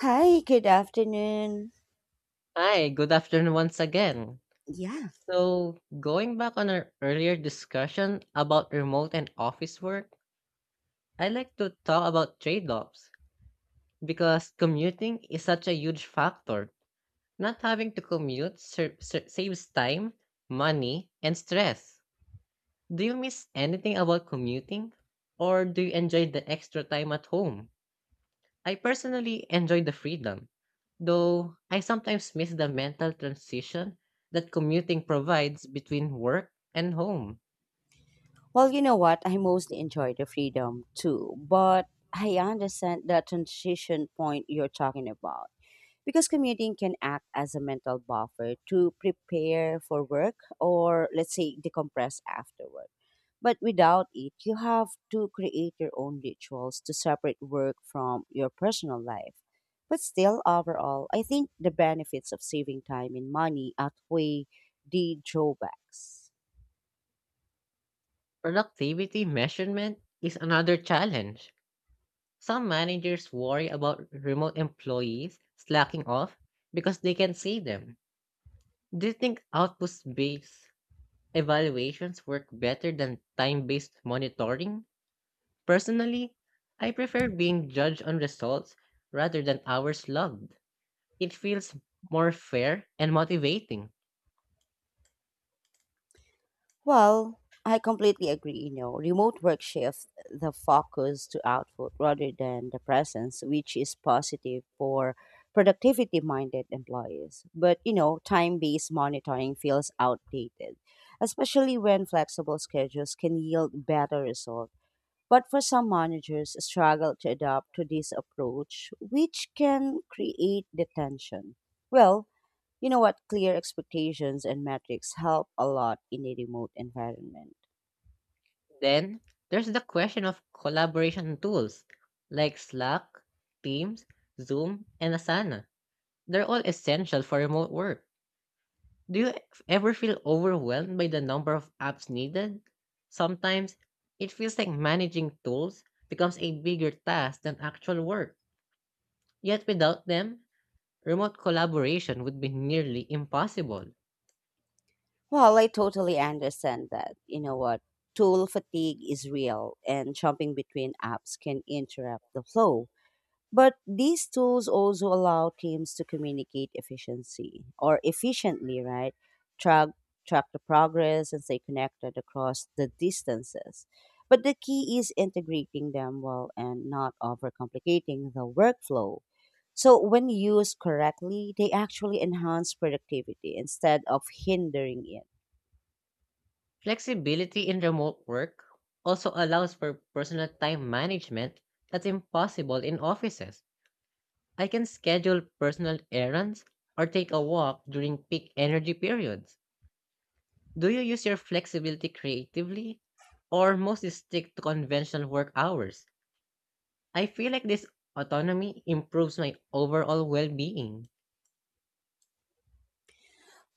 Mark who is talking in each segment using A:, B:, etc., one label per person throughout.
A: Hi, good afternoon.
B: Hi, good afternoon once again.
A: Yeah.
B: So, going back on our earlier discussion about remote and office work, I like to talk about trade offs because commuting is such a huge factor. Not having to commute saves time, money, and stress. Do you miss anything about commuting? Or do you enjoy the extra time at home? I personally enjoy the freedom, though I sometimes miss the mental transition that commuting provides between work and home.
A: Well, you know what? I mostly enjoy the freedom too, but I understand the transition point you're talking about, because commuting can act as a mental buffer to prepare for work or let's say decompress afterward. But without it, you have to create your own rituals to separate work from your personal life. But still, overall, I think the benefits of saving time and money outweigh the drawbacks.
B: Productivity measurement is another challenge. Some managers worry about remote employees slacking off because they can see them. Do you think output based evaluations work better than time based monitoring? Personally, I prefer being judged on results rather than hours logged. It feels more fair and motivating.
A: Well, I completely agree. You know, remote work shifts the focus to output rather than the presence, which is positive for productivity minded employees. But, time based monitoring feels outdated, especially when flexible schedules can yield better results. But for some managers, struggle to adapt to this approach, which can create the tension. Well, you know what? Clear expectations and metrics help a lot in a remote environment.
B: Then there's the question of collaboration tools like Slack, Teams, Zoom, and Asana. They're all essential for remote work. Do you ever feel overwhelmed by the number of apps needed? Sometimes it feels like managing tools becomes a bigger task than actual work. Yet without them, remote collaboration would be nearly impossible.
A: Well, I totally understand that. You know what? Tool fatigue is real, and jumping between apps can interrupt the flow. But these tools also allow teams to communicate efficiency or efficiently, right? Track track the progress and stay connected across the distances. But the key is integrating them well and not overcomplicating the workflow. So when used correctly, they actually enhance productivity instead of hindering it.
B: Flexibility in remote work also allows for personal time management that's impossible in offices. I can schedule personal errands or take a walk during peak energy periods. Do you use your flexibility creatively or mostly stick to conventional work hours? I feel like this autonomy improves my overall well being.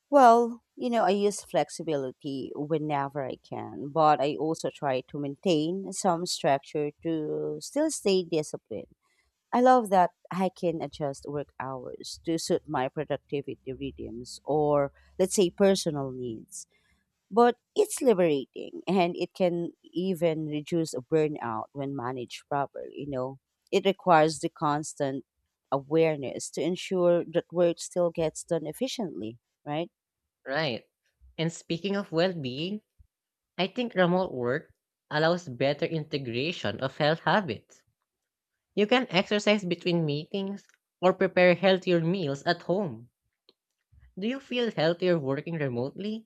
A: Well, you know, I use flexibility whenever I can, but I also try to maintain some structure to still stay disciplined. I love that I can adjust work hours to suit my productivity rhythms or, let's say, personal needs. But it's liberating and it can even reduce a burnout when managed properly, you know. It requires the constant awareness to ensure that work still gets done efficiently, right?
B: Right. And speaking of well being, I think remote work allows better integration of health habits. You can exercise between meetings or prepare healthier meals at home. Do you feel healthier working remotely?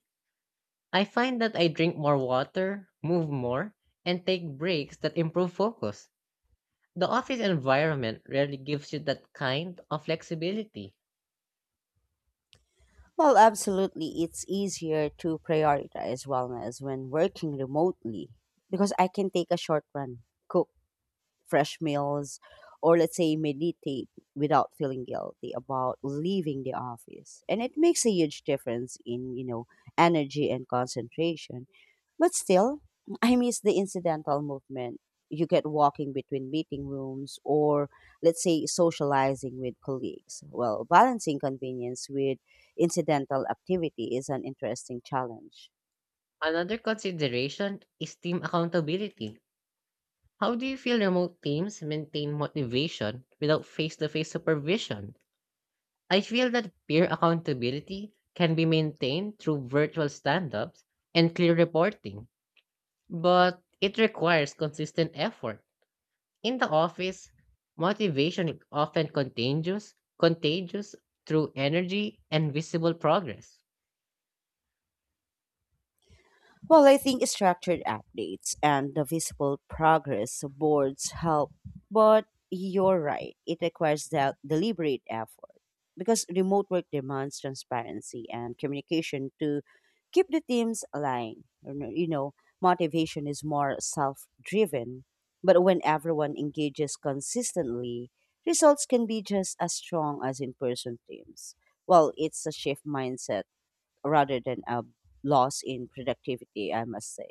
B: I find that I drink more water, move more, and take breaks that improve focus. The office environment rarely gives you that kind of flexibility.
A: Well, absolutely. It's easier to prioritize wellness when working remotely because I can take a short run, cook, fresh meals, or let's say meditate without feeling guilty about leaving the office. And it makes a huge difference in, energy and concentration. But still, I miss the incidental movement you get walking between meeting rooms or let's say socializing with colleagues. Well, balancing convenience with incidental activity is an interesting challenge.
B: Another consideration is team accountability. How do you feel remote teams maintain motivation without face to face supervision? I feel that peer accountability can be maintained through virtual stand ups and clear reporting, but it requires consistent effort. In the office, motivation is often contagious through energy and visible progress.
A: Well, I think structured updates and the visible progress boards help, but you're right. It requires that deliberate effort because remote work demands transparency and communication to keep the teams aligned. Motivation is more self driven, but when everyone engages consistently, results can be just as strong as in person teams. Well, it's a shift mindset rather than a loss in productivity, I must say.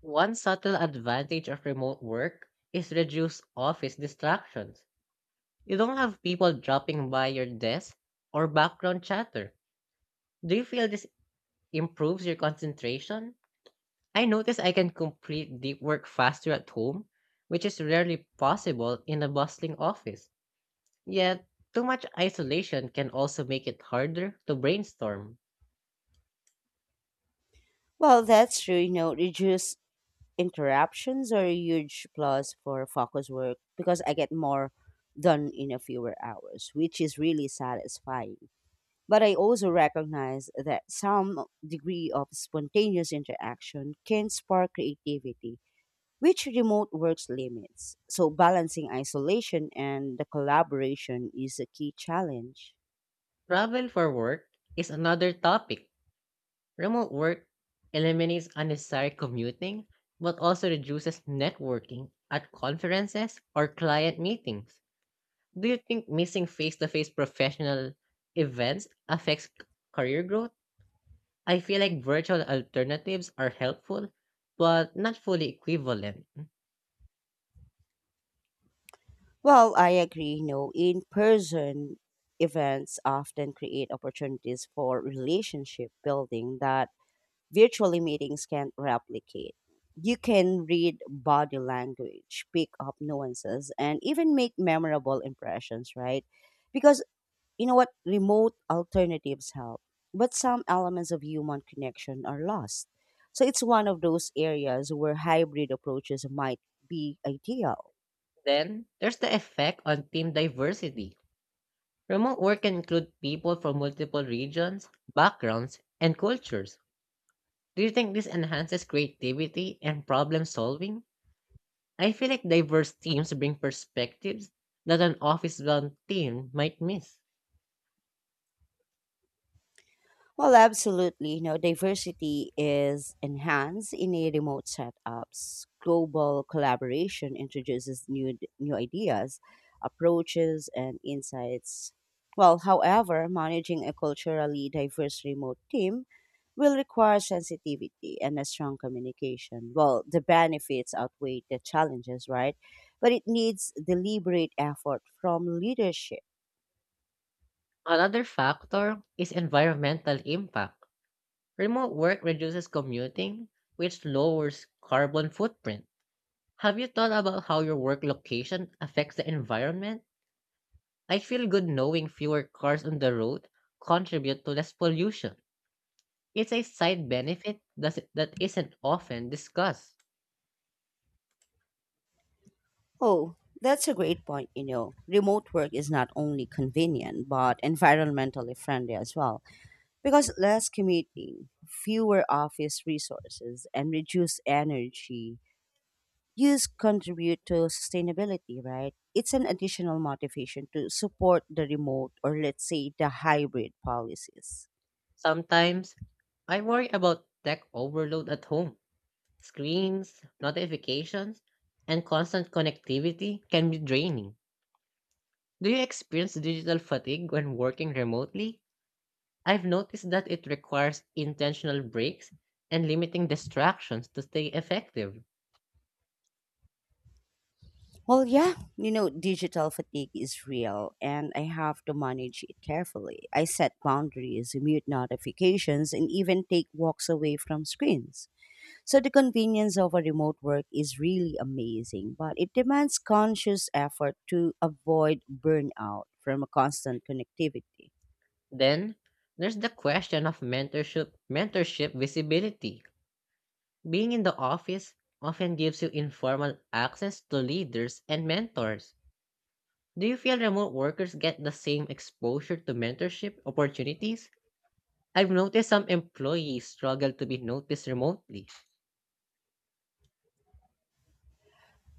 B: One subtle advantage of remote work is reduced office distractions. You don't have people dropping by your desk or background chatter. Do you feel this improves your concentration? I notice I can complete deep work faster at home, which is rarely possible in a bustling office. Yet, too much isolation can also make it harder to brainstorm.
A: Well, that's true. You know, reduced interruptions are a huge plus for focus work because I get more done in a fewer hours, which is really satisfying. But I also recognize that some degree of spontaneous interaction can spark creativity, which remote works limits. So, balancing isolation and the collaboration is a key challenge.
B: Travel for work is another topic. Remote work eliminates unnecessary commuting, but also reduces networking at conferences or client meetings. Do you think missing face to face professional events affects career growth? I feel like virtual alternatives are helpful, but not fully equivalent.
A: Well, I agree. No, in person events often create opportunities for relationship building that virtually meetings can't replicate. You can read body language, pick up nuances, and even make memorable impressions, right? Because you know what? Remote alternatives help, but some elements of human connection are lost. So it's one of those areas where hybrid approaches might be ideal.
B: Then, there's the effect on team diversity. Remote work can include people from multiple regions, backgrounds, and cultures. Do you think this enhances creativity and problem solving? I feel like diverse teams bring perspectives that an office bound team might miss.
A: Well, absolutely. You know, diversity is enhanced in a remote setups. Global collaboration introduces new ideas, approaches, and insights. Well, however, managing a culturally diverse remote team will require sensitivity and a strong communication. Well, the benefits outweigh the challenges, right? But it needs deliberate effort from leadership.
B: Another factor is environmental impact. Remote work reduces commuting, which lowers carbon footprint. Have you thought about how your work location affects the environment? I feel good knowing fewer cars on the road contribute to less pollution. It's a side benefit that isn't often discussed.
A: Oh, that's a great point. You know, remote work is not only convenient but environmentally friendly as well because less commuting, fewer office resources, and reduced energy use contribute to sustainability, right? It's an additional motivation to support the remote or let's say the hybrid policies.
B: Sometimes, I worry about tech overload at home. Screens, notifications, and constant connectivity can be draining. Do you experience digital fatigue when working remotely? I've noticed that it requires intentional breaks and limiting distractions to stay effective.
A: Well, yeah, you know, digital fatigue is real, and I have to manage it carefully. I set boundaries, mute notifications, and even take walks away from screens. So, the convenience of a remote work is really amazing, but it demands conscious effort to avoid burnout from a constant connectivity.
B: Then there's the question of mentorship visibility. Being in the office often gives you informal access to leaders and mentors. Do you feel remote workers get the same exposure to mentorship opportunities? I've noticed some employees struggle to be noticed remotely.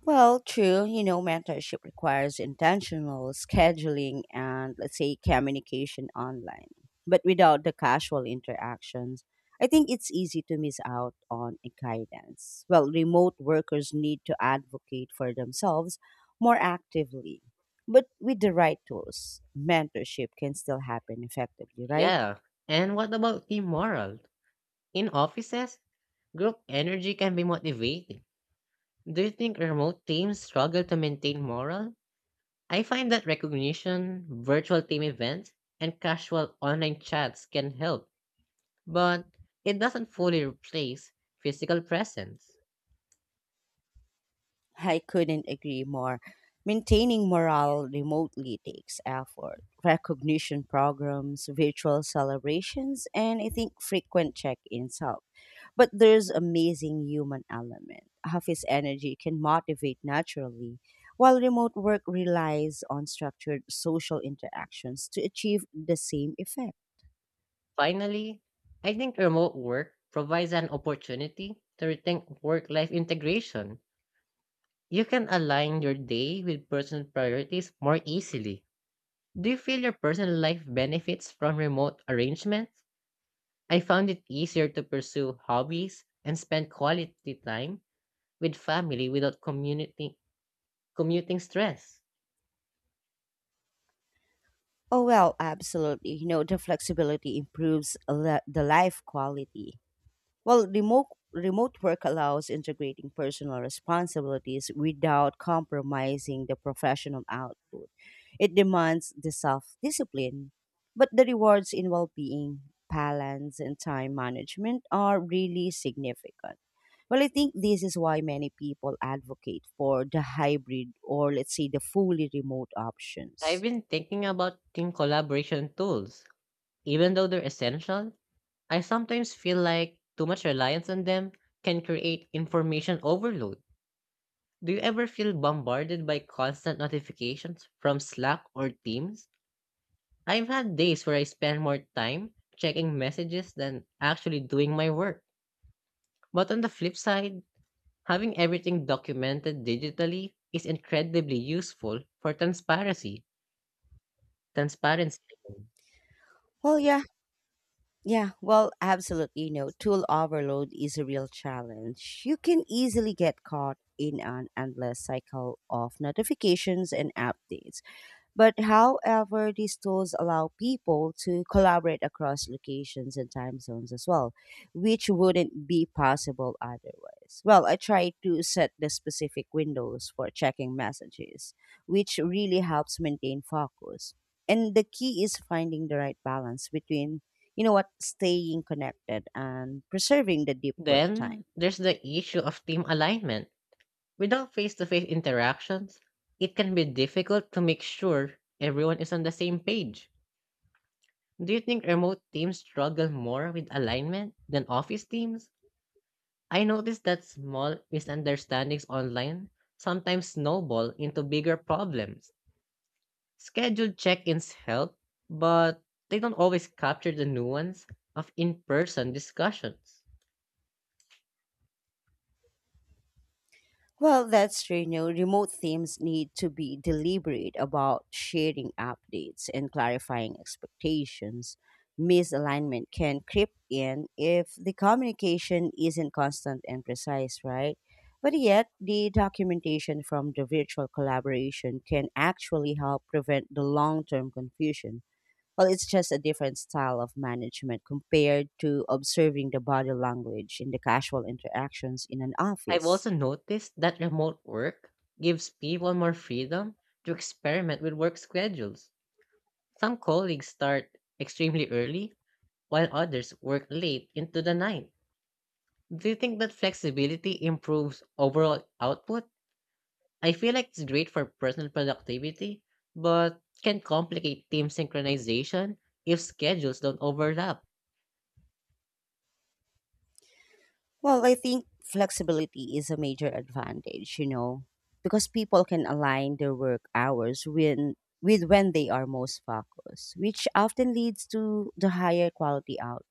A: Well, true, you know, mentorship requires intentional scheduling and, let's say, communication online. But without the casual interactions, I think it's easy to miss out on a guidance. Well, remote workers need to advocate for themselves more actively. But with the right tools, mentorship can still happen effectively, right?
B: Yeah. And what about team morale? In offices, group energy can be motivating. Do you think remote teams struggle to maintain morale? I find that recognition, virtual team events, and casual online chats can help, but it doesn't fully replace physical presence.
A: I couldn't agree more. Maintaining morale remotely takes effort, recognition programs, virtual celebrations, and I think frequent check ins help. But there's amazing human element. Office energy can motivate naturally, while remote work relies on structured social interactions to achieve the same effect.
B: Finally, I think remote work provides an opportunity to rethink work life integration. You can align your day with personal priorities more easily. Do you feel your personal life benefits from remote arrangements? I found it easier to pursue hobbies and spend quality time with family without community commuting stress.
A: Oh, well, absolutely. You know, the flexibility improves the life quality. Well, remote work allows integrating personal responsibilities without compromising the professional output. It demands the self-discipline, but the rewards in well-being, balance, and time management are really significant. Well, I think this is why many people advocate for the hybrid or let's say the fully remote
B: I've
A: options.
B: been thinking about team collaboration tools. Even though they're essential, I sometimes feel like too much reliance on them can create information overload. Do you ever feel bombarded by constant notifications from Slack or Teams? I've had days where I spend more time checking messages than actually doing my work. But on the flip side, having everything documented digitally is incredibly useful for transparency. Transparency.
A: Well, yeah, yeah. Well, absolutely. You know, tool overload is a real challenge. You can easily get caught in an endless cycle of notifications and updates. But however, these tools allow people to collaborate across locations and time zones as well, which wouldn't be possible otherwise. Well, I try to set the specific windows for checking messages, which really helps maintain focus. And the key is finding the right balance between, staying connected and preserving the deep work time.
B: Then there's the issue of team alignment. Without face-to-face interactions, it can be difficult to make sure everyone is on the same page. Do you think remote teams struggle more with alignment than office teams? I noticed that small misunderstandings online sometimes snowball into bigger problems. Scheduled check-ins help, but they don't always capture the nuance of in-person discussions.
A: Well, that's true. You know, remote teams need to be deliberate about sharing updates and clarifying expectations. Misalignment can creep in if the communication isn't constant and precise, right? But yet, the documentation from the virtual collaboration can actually help prevent the long term confusion. Well, it's just a different style of management compared to observing the body language in the casual interactions in an
B: I've
A: office.
B: also noticed that remote work gives people more freedom to experiment with work schedules. Some colleagues start extremely early, while others work late into the night. Do you think that flexibility improves overall output? I feel like it's great for personal productivity, but can complicate team synchronization if schedules don't overlap.
A: Well, I think flexibility is a major advantage, because people can align their work hours when with when they are most focused, which often leads to the higher quality out.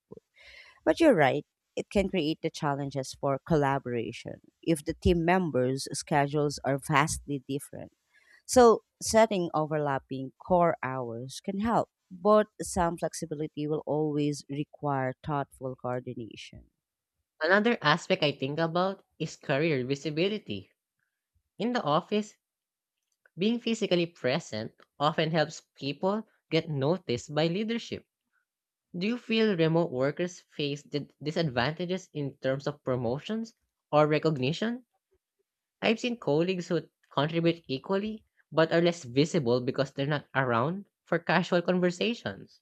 A: But you're right, it can create the challenges for collaboration if the team members' schedules are vastly different. So setting overlapping core hours can help, but some flexibility will always require thoughtful coordination.
B: Another aspect I think about is career visibility. In the office, being physically present often helps people get noticed by leadership. Do you feel remote workers face disadvantages in terms of promotions or recognition? I've seen colleagues who contribute equally but are less visible because they're not around for casual conversations.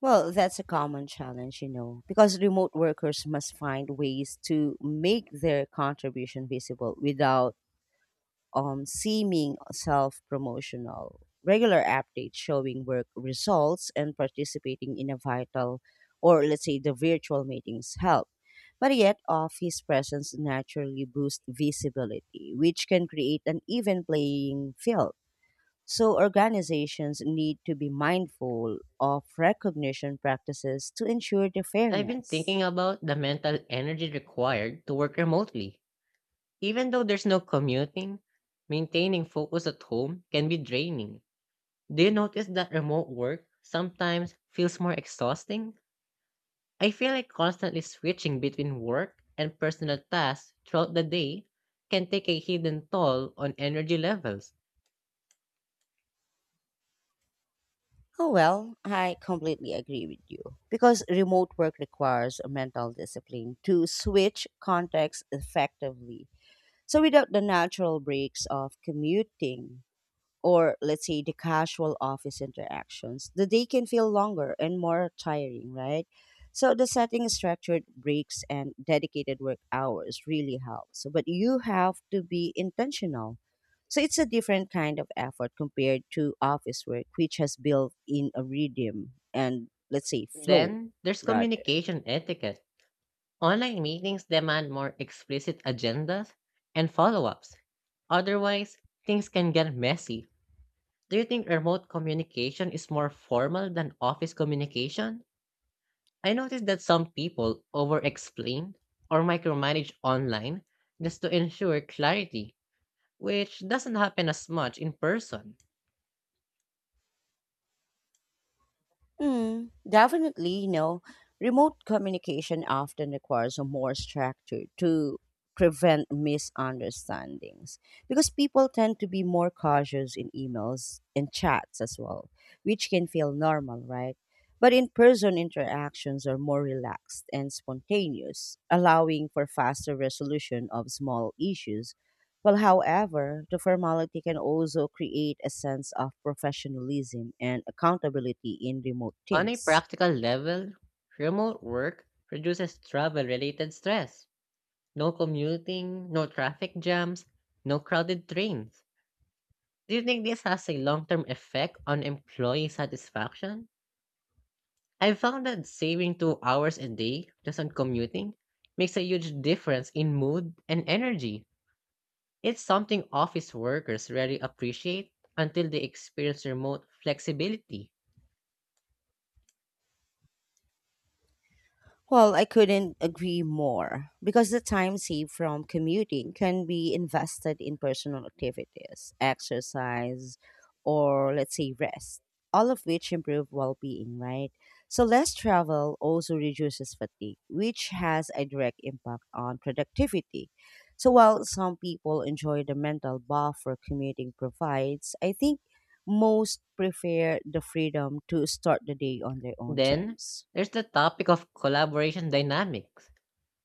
A: Well, that's a common challenge, because remote workers must find ways to make their contribution visible without seeming self promotional. Regular updates showing work results and participating in a vital or, let's say, the virtual meetings help. But yet, office presence naturally boosts visibility, which can create an even playing field, so organizations need to be mindful of recognition practices to ensure the
B: I've been thinking
A: fairness.
B: about the mental energy required to work remotely. Even though there's no commuting, maintaining focus at home can be draining. Do you notice that remote work sometimes feels more exhausting? I feel like constantly switching between work and personal tasks throughout the day can take a hidden toll on energy levels.
A: Oh well, I completely agree with you. Because remote work requires a mental discipline to switch contexts effectively. So without the natural breaks of commuting, or let's say the casual office interactions, the day can feel longer and more tiring, right? So the setting is structured breaks and dedicated work hours really helps. But you have to be intentional. So it's a different kind of effort compared to office work, which has built in a rhythm and let's say flow
B: Then there's
A: rather.
B: communication etiquette. Online meetings demand more explicit agendas and follow ups. Otherwise, things can get messy. Do you think remote communication is more formal than office communication? I noticed that some people over explain or micromanage online just to ensure clarity, which doesn't happen as much in person.
A: Definitely, you know, remote communication often requires a more structure to prevent misunderstandings because people tend to be more cautious in emails and chats as well, which can feel normal, right? But in person interactions are more relaxed and spontaneous, allowing for faster resolution of small issues. Well, however, the formality can also create a sense of professionalism and accountability in remote
B: On a
A: teams.
B: practical level, remote work reduces travel related stress. No commuting, no traffic jams, no crowded trains. Do you think this has a long term effect on employee satisfaction? I've found that saving 2 hours a day just on commuting makes a huge difference in mood and energy. It's something office workers rarely appreciate until they experience remote flexibility.
A: Well, I couldn't agree more because the time saved from commuting can be invested in personal activities, exercise, or let's say rest, all of which improve well being, right? So, less travel also reduces fatigue, which has a direct impact on productivity. So, while some people enjoy the mental buffer commuting provides, I think most prefer the freedom to start the day on their own
B: Then,
A: terms.
B: there's the topic of collaboration dynamics.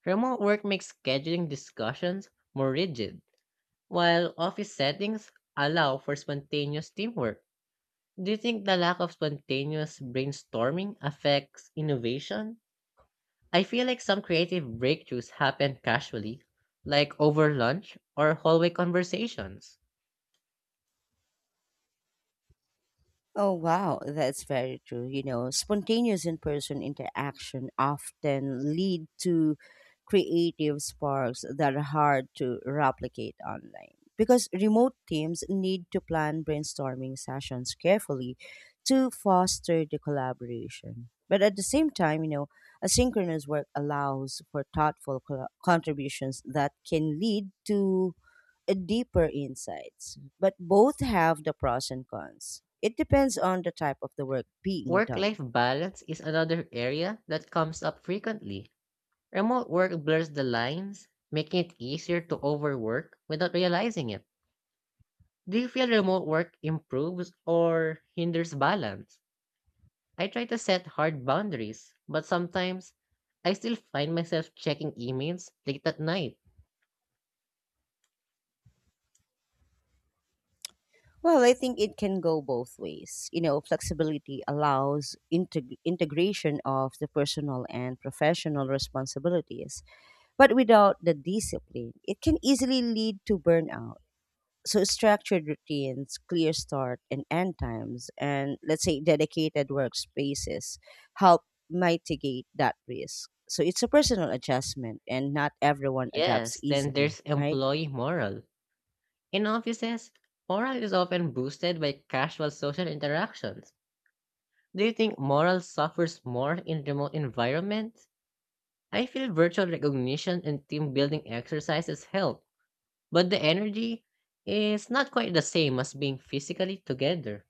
B: Remote work makes scheduling discussions more rigid, while office settings allow for spontaneous teamwork. Do you think the lack of spontaneous brainstorming affects innovation? I feel like some creative breakthroughs happen casually, like over lunch or hallway conversations.
A: Oh, wow, that's very true. You know, spontaneous in person interaction often lead to creative sparks that are hard to replicate online because remote teams need to plan brainstorming sessions carefully to foster the collaboration. But at the same time, asynchronous work allows for thoughtful contributions that can lead to deeper insights, but both have the pros and cons. It depends on the type of the work being
B: Work
A: done.
B: life balance is another area that comes up frequently. Remote work blurs the lines, making it easier to overwork without realizing it. Do you feel remote work improves or hinders balance? I try to set hard boundaries, but sometimes I still find myself checking emails late at night.
A: Well, I think it can go both ways. You know, flexibility allows integration of the personal and professional responsibilities, but without the discipline, it can easily lead to burnout. So structured routines, clear start and end times, and let's say dedicated workspaces help mitigate that risk. So it's a personal adjustment, and not everyone adapts
B: Yes, then
A: easily,
B: there's
A: right?
B: employee morale. In offices, morale is often boosted by casual social interactions. Do you think morale suffers more in remote environments? I feel virtual recognition and team building exercises help, but the energy is not quite the same as being physically together.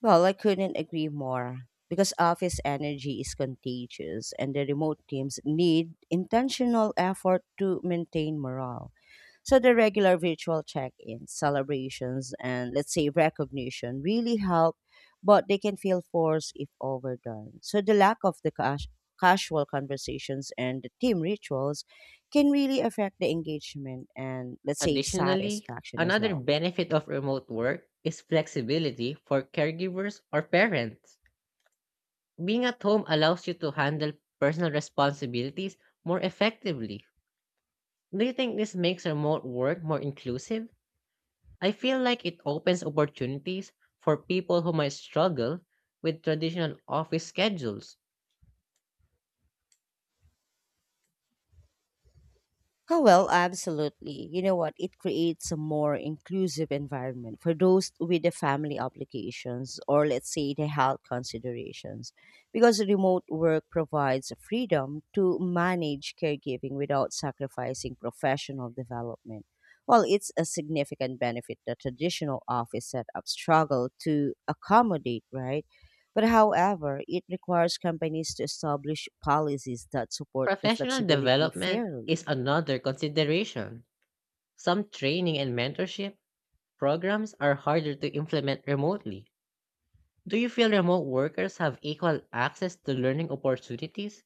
A: Well, I couldn't agree more because office energy is contagious, and the remote teams need intentional effort to maintain morale. So the regular virtual check-ins, celebrations, and let's say recognition really help, but they can feel forced if overdone. So the lack of the casual conversations and the team rituals can really affect the engagement and let's say
B: Additionally,
A: satisfaction as
B: another
A: well.
B: benefit of remote work is flexibility for caregivers or parents. Being at home allows you to handle personal responsibilities more effectively. Do you think this makes remote work more inclusive? I feel like it opens opportunities for people who might struggle with traditional office schedules.
A: Oh, well, absolutely. You know what? It creates a more inclusive environment for those with the family obligations or, let's say, the health considerations. Because remote work provides freedom to manage caregiving without sacrificing professional development. Well, it's a significant benefit that traditional office setup struggle to accommodate, right? But however, it requires companies to establish policies that support the
B: Professional
A: flexibility
B: development
A: fairly.
B: is another consideration. Some training and mentorship programs are harder to implement remotely. Do you feel remote workers have equal access to learning opportunities?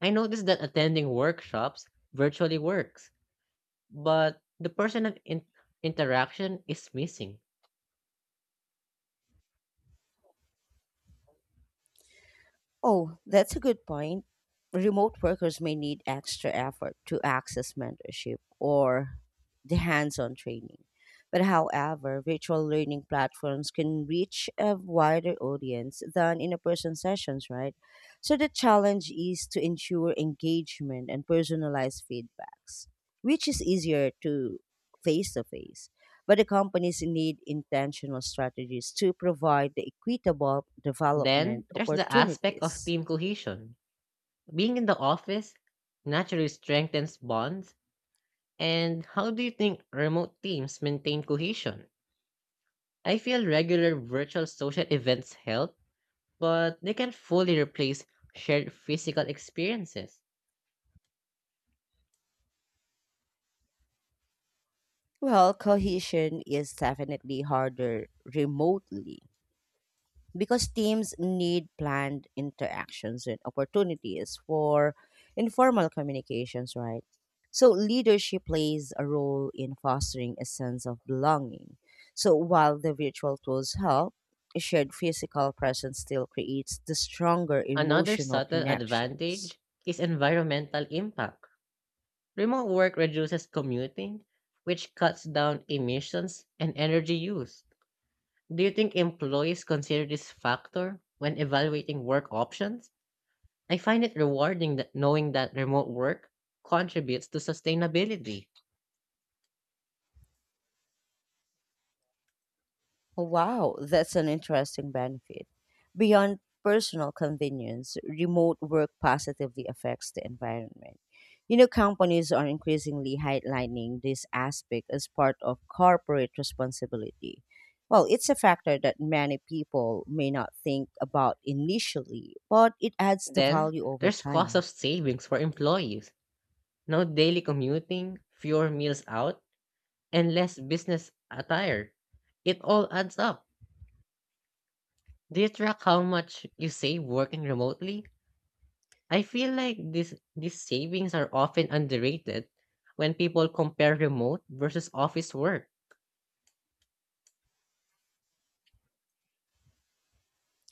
B: I noticed that attending workshops virtually works, but the personal interaction is missing.
A: Oh, that's a good point. Remote workers may need extra effort to access mentorship or the hands on training. But however, virtual learning platforms can reach a wider audience than in a person sessions, right? So the challenge is to ensure engagement and personalized feedbacks, which is easier to face to face. But the companies need intentional strategies to provide the equitable
B: Then
A: development
B: there's the aspect of
A: opportunities.
B: team cohesion. Being in the office naturally strengthens bonds. And how do you think remote teams maintain cohesion? I feel regular virtual social events help, but they can fully replace shared physical experiences.
A: Well, cohesion is definitely harder remotely because teams need planned interactions and opportunities for informal communications, right? So, leadership plays a role in fostering a sense of belonging. So, while the virtual tools help, a shared physical presence still creates the stronger
B: Another
A: emotional
B: subtle
A: connections.
B: advantage is environmental impact. Remote work reduces commuting, which cuts down emissions and energy use. Do you think employees consider this factor when evaluating work options? I find it rewarding that knowing that remote work contributes to sustainability.
A: Wow, that's an interesting benefit. Beyond personal convenience, remote work positively affects the environment. You know, companies are increasingly highlighting this aspect as part of corporate responsibility. Well, it's a factor that many people may not think about initially, but it adds the
B: Then,
A: value over
B: there's cost
A: time.
B: of savings for employees. No daily commuting, fewer meals out, and less business attire. It all adds up. Do you track how much you save working remotely? I feel like these savings are often underrated when people compare remote versus office work.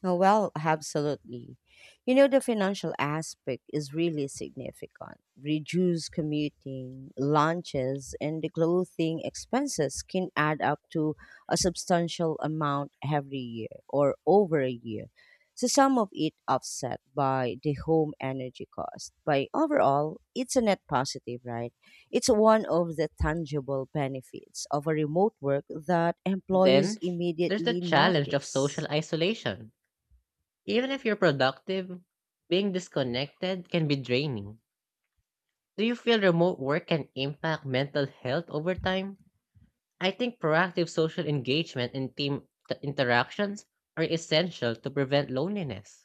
A: Oh, well, absolutely. You know, the financial aspect is really significant. Reduced commuting, lunches, and the clothing expenses can add up to a substantial amount every year or over a year. So, some of it offset by the home energy cost. But overall, it's a net positive, right? It's one of the tangible benefits of a remote work that employees
B: Then, there's the
A: immediately
B: challenge of social
A: notice.
B: isolation. Even if you're productive, being disconnected can be draining. Do you feel remote work can impact mental health over time? I think proactive social engagement and team interactions are essential to prevent loneliness.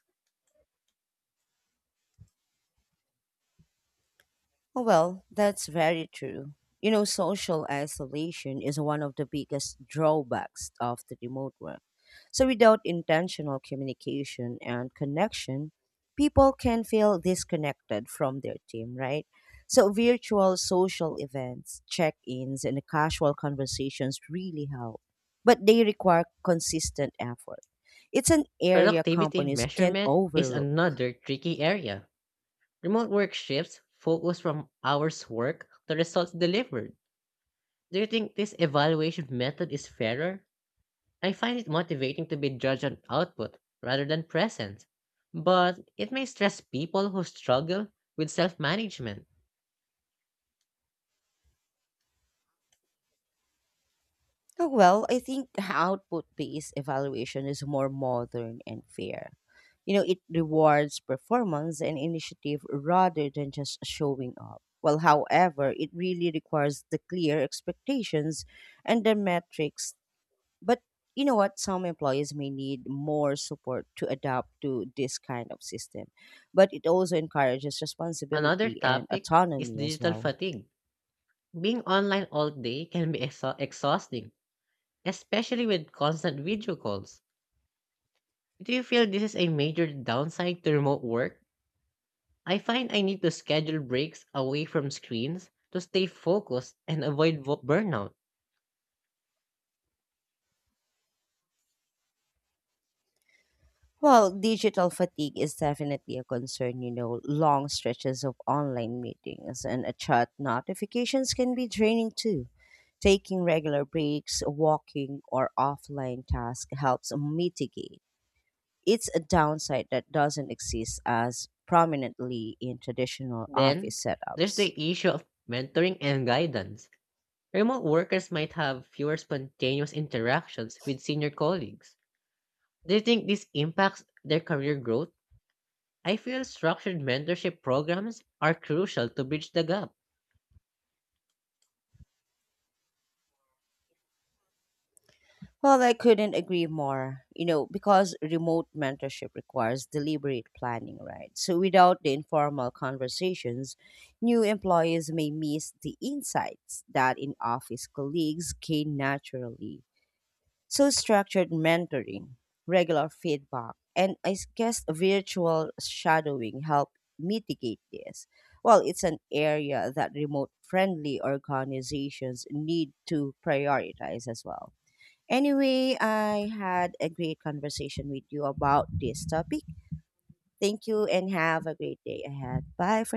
A: Oh, well, that's very true. You know, social isolation is one of the biggest drawbacks of the remote work. So, without intentional communication and connection, people can feel disconnected from their team, right? So, virtual social events, check ins, and casual conversations really help, but they require consistent effort. It's an area
B: Productivity
A: companies can't
B: measurement is
A: overlook.
B: another tricky area. Remote work shifts focus from hours worked to results delivered. Do you think this evaluation method is fairer? I find it motivating to be judged on output rather than presence, but it may stress people who struggle with self management.
A: Oh, well, I think output based evaluation is more modern and fair. You know, it rewards performance and initiative rather than just showing up. Well, however, it really requires the clear expectations and the metrics. But you know what? Some employees may need more support to adapt to this kind of system. But it also encourages
B: Another
A: responsibility and
B: topic is
A: autonomy as
B: digital
A: well.
B: fatigue. Being online all day can be exhausting, especially with constant video calls. Do you feel this is a major downside to remote work? I find I need to schedule breaks away from screens to stay focused and avoid burnout.
A: Well, digital fatigue is definitely a concern. You know, long stretches of online meetings and chat notifications can be draining too. Taking regular breaks, walking, or offline tasks helps mitigate. It's a downside that doesn't exist as prominently in traditional
B: Then,
A: office
B: there's the
A: setups.
B: issue of mentoring and guidance. Remote workers might have fewer spontaneous interactions with senior colleagues. Do you think this impacts their career growth? I feel structured mentorship programs are crucial to bridge the gap.
A: Well, I couldn't agree more, you know, because remote mentorship requires deliberate planning, right? So, without the informal conversations, new employees may miss the insights that in office colleagues gain naturally. So, structured mentoring, regular feedback, and guess virtual shadowing help mitigate this. Well, it's an area that remote friendly organizations need to prioritize as well. Anyway, I had a great conversation with you about this topic. Thank you and have a great day ahead. Bye for